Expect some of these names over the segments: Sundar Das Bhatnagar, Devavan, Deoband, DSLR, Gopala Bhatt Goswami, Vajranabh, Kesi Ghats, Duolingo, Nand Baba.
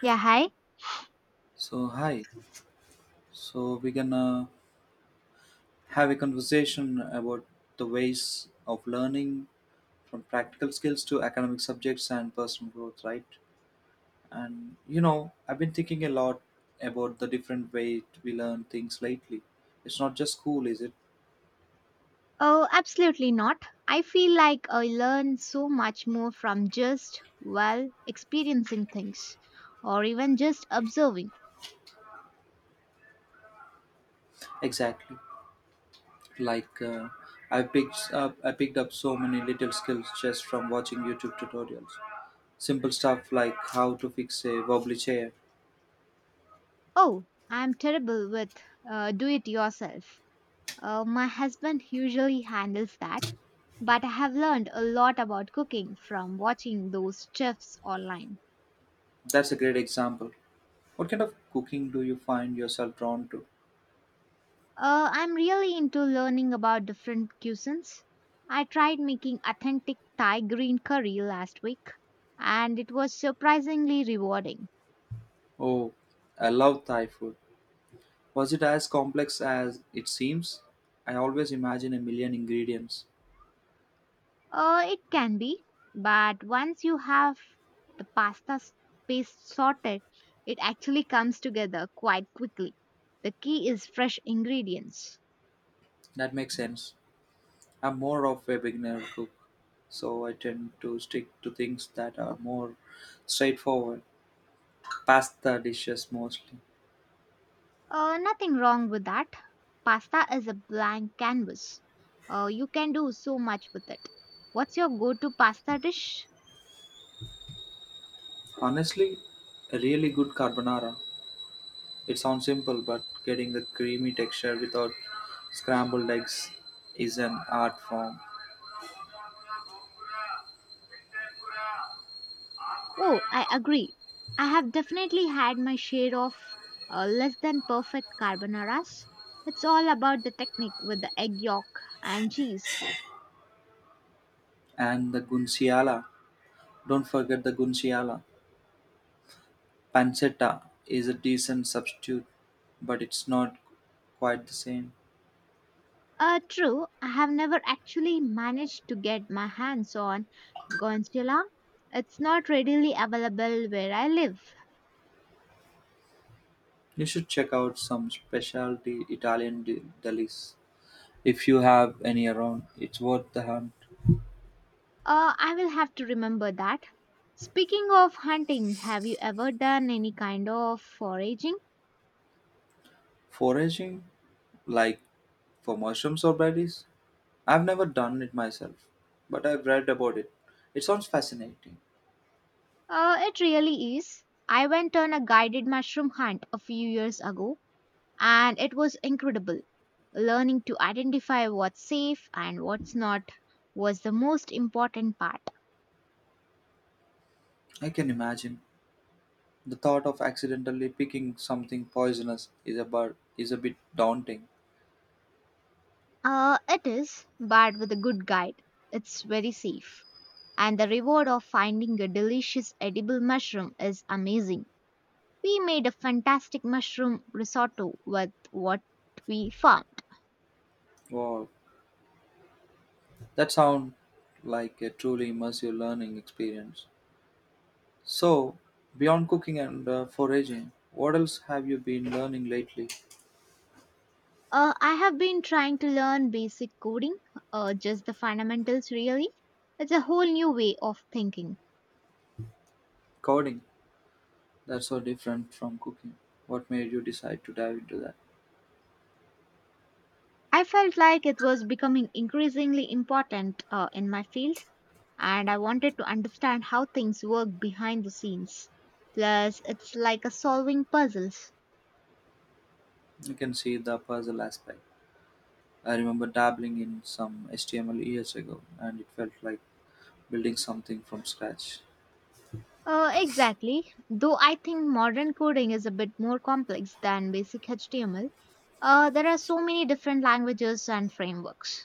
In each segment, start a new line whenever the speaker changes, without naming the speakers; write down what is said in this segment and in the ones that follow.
Yeah, hi.
So, hi. So, we're gonna have a conversation about the ways of learning from practical skills to academic subjects and personal growth, right? I've been thinking a lot about the different way we learn things lately. It's not just school, is it?
Oh, absolutely not. I feel like I learn so much more from just, well, experiencing things or even just observing.
Exactly. Like uh, I picked up so many little skills just from watching YouTube tutorials. Simple stuff like how to fix a wobbly chair.
Oh, I'm terrible with do it yourself. My husband usually handles that, but I have learned a lot about cooking from watching those chefs online.
That's a great example. What kind of cooking do you find yourself drawn to?
I'm really into learning about different cuisines. I tried making authentic Thai green curry last week, and it was surprisingly rewarding.
Oh, I love Thai food. Was it as complex as it seems? I always imagine a million ingredients.
It can be, but once you have the pasta s- paste sorted, it actually comes together quite quickly. The key is fresh ingredients.
That makes sense. I'm more of a beginner cook, so I tend to stick to things that are more straightforward. Pasta dishes mostly.
Nothing wrong with that. Pasta is a blank canvas. You can do so much with it. What's your go to pasta dish?
Honestly, a really good carbonara. It sounds simple, but getting the creamy texture without scrambled eggs is an art form.
Oh, I agree. I have definitely had my share of less than perfect carbonaras. It's all about the technique with the egg yolk and cheese.
And the gunciale. Don't forget the gunciale. Pancetta is a decent substitute, but it's not quite the same.
True, I have never actually managed to get my hands on Gorgonzola. It's not readily available where I live.
You should check out some specialty Italian delis if you have any around. It's worth the hunt.
I will have to remember that. Speaking of hunting, have you ever done any kind of foraging?
Foraging, like for mushrooms or berries, I've never done it myself, but I've read about it. It sounds fascinating.
It really is. I went on a guided mushroom hunt a few years ago and it was incredible. Learning to identify what's safe and what's not was the most important part.
I can imagine. The thought of accidentally picking something poisonous is is a bit daunting.
It is, but with a good guide, it's very safe. And the reward of finding a delicious edible mushroom is amazing. We made a fantastic mushroom risotto with what we found.
Wow, that sounds like a truly immersive learning experience. So, beyond cooking and foraging, what else have you been learning lately?
I have been trying to learn basic coding, just the fundamentals really. It's a whole new way of thinking.
Coding. That's so different from cooking. What made you decide to dive into that?
I felt like it was becoming increasingly important in my field, and I wanted to understand how things work behind the scenes. Plus, it's like a solving puzzles.
You can see the puzzle aspect. I remember dabbling in some HTML years ago, and it felt like building something from scratch.
Exactly. Though I think modern coding is a bit more complex than basic HTML, there are so many different languages and frameworks.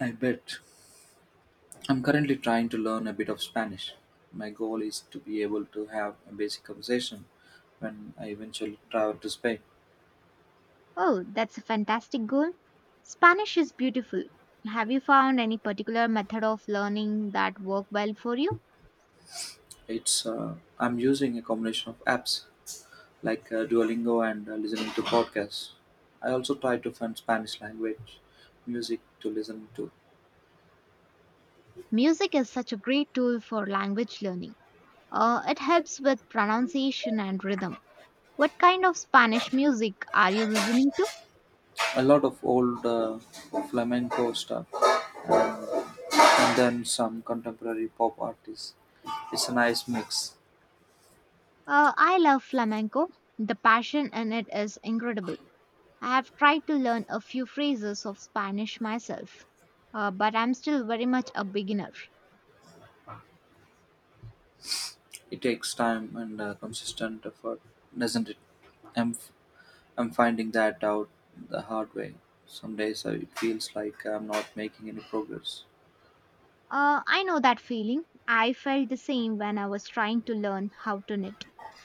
I bet. I'm currently trying to learn a bit of Spanish. My goal is to be able to have a basic conversation when I eventually travel to Spain.
Oh, that's a fantastic goal. Spanish is beautiful. Have you found any particular method of learning that work well for you?
It's I'm using a combination of apps like Duolingo and listening to podcasts. I also try to find Spanish language music to listen to.
Music is such a great tool for language learning. It helps with pronunciation and rhythm. What kind of Spanish music are you listening to?
A lot of old flamenco stuff and then some contemporary pop artists. It's a nice mix.
I love flamenco. The passion in it is incredible. I have tried to learn a few phrases of Spanish myself, but I'm still very much a beginner.
It takes time and consistent effort, doesn't it? I'm I'm finding that out the hard way. Some days it feels like I'm not making any progress.
I know that feeling. I felt the same when I was trying to learn how to knit.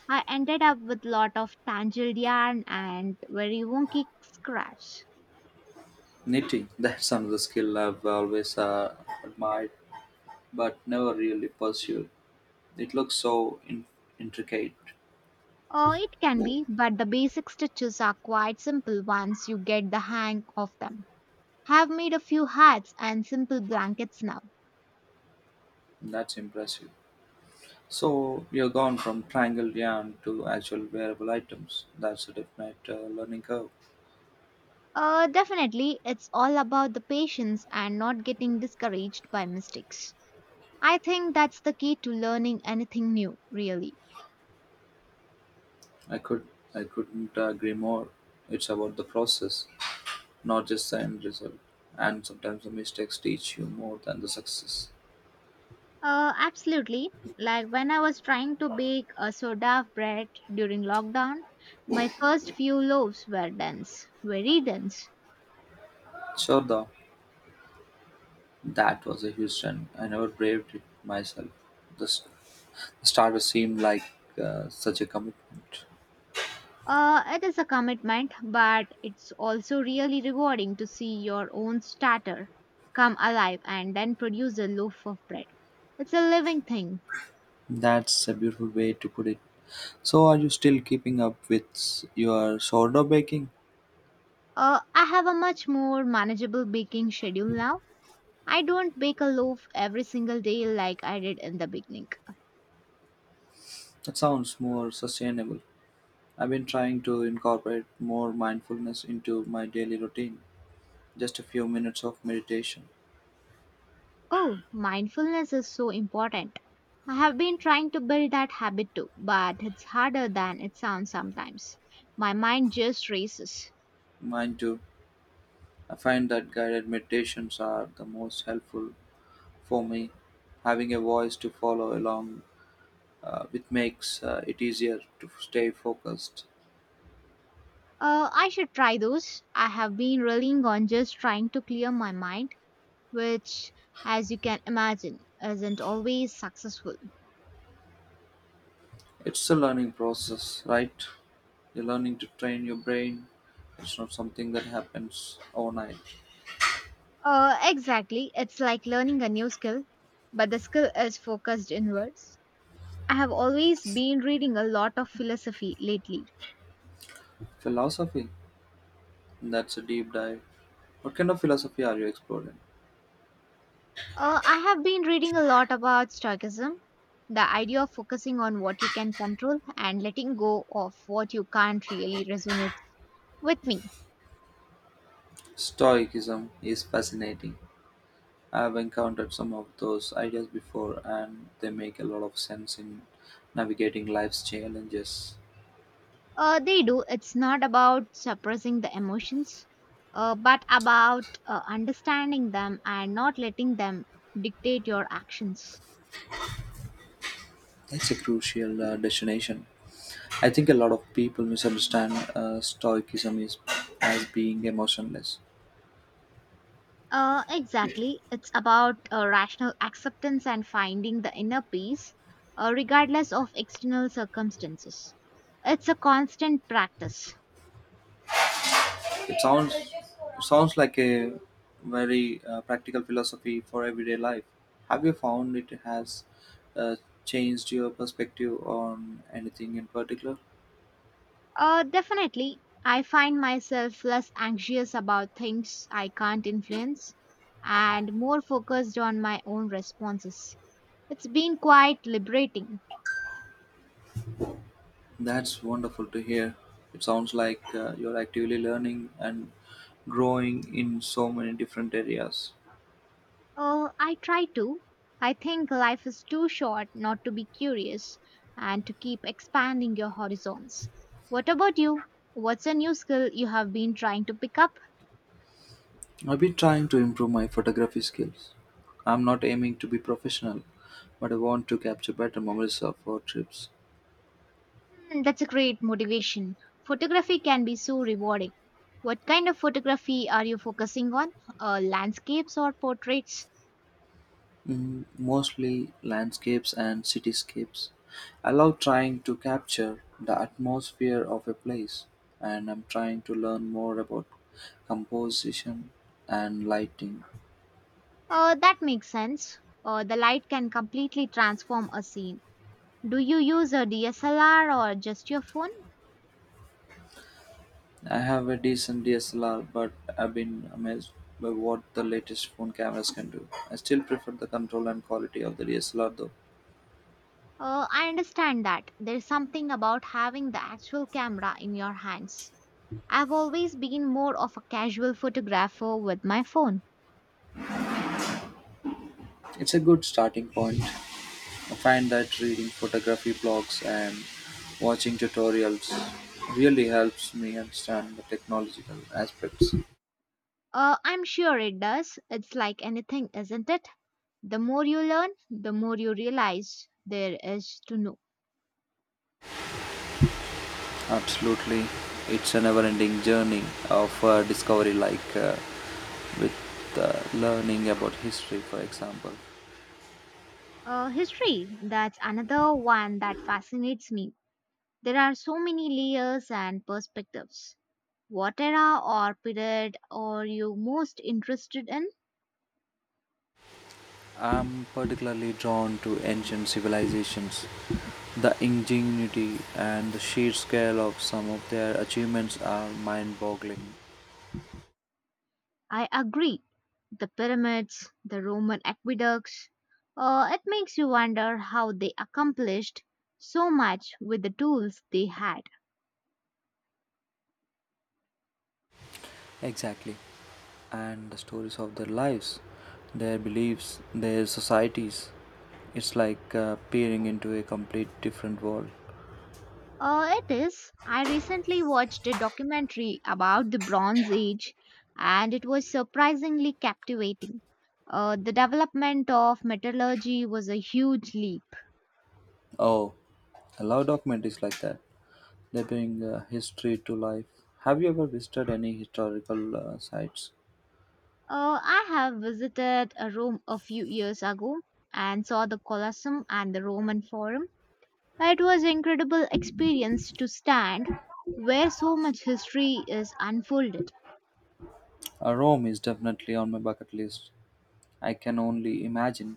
I ended up with lot of tangled yarn and very wonky scraps.
Knitting, that's another skill I've always admired but never really pursued. It looks so intricate.
It can be, but the basic stitches are quite simple once you get the hang of them. Have made a few hats and simple blankets now.
That's impressive. So you're gone from triangle yarn to actual wearable items. That's a definite learning curve.
Definitely, it's all about the patience and not getting discouraged by mistakes. I think that's the key to learning anything new, really.
I could I couldn't agree more. It's about the process, not just the end result. And sometimes the mistakes teach you more than the success.
Absolutely. Like when I was trying to bake a soda bread during lockdown, my first few loaves were dense, very dense.
Sure, though, that was a huge trend. I never braved it myself. The starter seemed like such a commitment.
It is a commitment, but it's also really rewarding to see your own starter come alive and then produce a loaf of bread. It's a living thing.
That's a beautiful way to put it. So, are you still keeping up with your sourdough baking?
I have a much more manageable baking schedule now. I don't bake a loaf every single day like I did in the beginning.
That sounds more sustainable. I've been trying to incorporate more mindfulness into my daily routine. Just a few minutes of meditation.
Oh, mindfulness is so important. I have been trying to build that habit too, but it's harder than it sounds sometimes. My mind just races.
Mine too. I find that guided meditations are the most helpful for me. Having a voice to follow along with makes it easier to stay focused.
I should try those. I have been relying on just trying to clear my mind, which, as you can imagine, isn't always successful.
It's a learning process, right? You're learning to train your brain. It's not something that happens overnight.
Exactly. It's like learning a new skill, but the skill is focused inwards. I have always been reading a lot of philosophy lately.
Philosophy. That's a deep dive. What kind of philosophy are you exploring?
I have been reading a lot about Stoicism, the idea of focusing on what you can control and letting go of what you can't really resonates with me.
Stoicism is fascinating. I've encountered some of those ideas before, and they make a lot of sense in navigating life's challenges.
They do. It's not about suppressing the emotions, but about understanding them and not letting them dictate your actions.
It's a crucial destination. I think a lot of people misunderstand stoicism is, as being emotionless.
Exactly. It's about rational acceptance and finding the inner peace, regardless of external circumstances. It's a constant practice.
It sounds like a very practical philosophy for everyday life. Have you found it has uh, changed your perspective on anything in particular?
Definitely, I find myself less anxious about things I can't influence and more focused on my own responses. It's been quite liberating.
That's wonderful to hear. It sounds like you're actively learning and growing in so many different areas.
I try to. I think life is too short not to be curious and to keep expanding your horizons. What about you? What's a new skill you have been trying to pick up?
I've been trying to improve my photography skills. I'm not aiming to be professional, but I want to capture better memories of our trips,
Hmm, that's a great motivation. Photography can be so rewarding. What kind of photography are you focusing on? Landscapes or portraits?
mm, mostly landscapes and cityscapes. I love trying to capture the atmosphere of a place, and I'm trying to learn more about composition and lighting.
That makes sense. The light can completely transform a scene. Do you use a DSLR or just your phone?
I have a decent DSLR, but I've been amazed by what the latest phone cameras can do. I still prefer the control and quality of the DSLR though.
I understand that. There's something about having the actual camera in your hands. I've always been more of a casual photographer with my phone.
It's a good starting point. I find that reading photography blogs and watching tutorials really helps me understand the technological aspects.
I'm sure it does. It's like anything, isn't it? The more you learn, the more you realize there is to know.
Absolutely. It's a never ending journey of discovery, like with learning about history, for example.
History, that's another one that fascinates me. There are so many layers and perspectives. What era or period are you most interested in?
I'm particularly drawn to ancient civilizations. The ingenuity and the sheer scale of some of their achievements are mind boggling.
I agree. The pyramids, the Roman aqueducts, it makes you wonder how they accomplished so much with the tools they had.
Exactly. And the stories of their lives, their beliefs, their societies. It's like peering into a complete different world.
It is. I recently watched a documentary about the Bronze Age and it was surprisingly captivating. The development of metallurgy was a huge leap.
Oh, a lot of documentaries like that. They bring history to life. Have you ever visited any historical sites?
I have visited Rome a few years ago and saw the Colosseum and the Roman Forum. It was incredible experience to stand where so much history is unfolded.
Rome is definitely on my bucket list. I can only imagine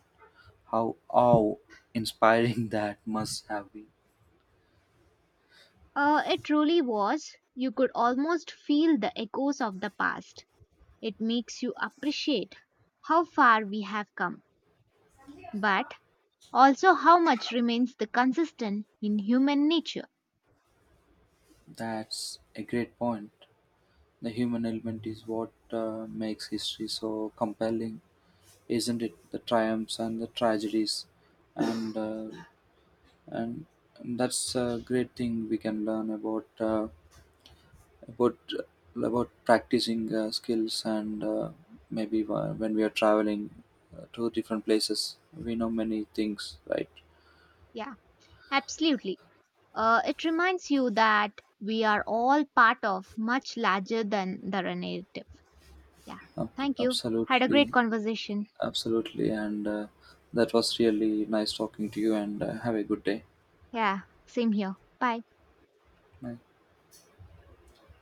how awe-inspiring that must have been.
It truly was. You could almost feel the echoes of the past. It makes you appreciate how far we have come, but also how much remains the consistent in human nature.
That's a great point. The human element is what makes history so compelling, isn't it? The triumphs and the tragedies, and uh, and that's a great thing we can learn about about practicing skills and maybe when we are traveling to different places, we know many things, right?
Yeah, absolutely. It reminds you that we are all part of much larger than the narrative. Yeah. Thank you. Had a
Absolutely,
great conversation.
absolutely, and that was really nice talking to you. And have a good day.
Yeah, same here. Bye.
Bye.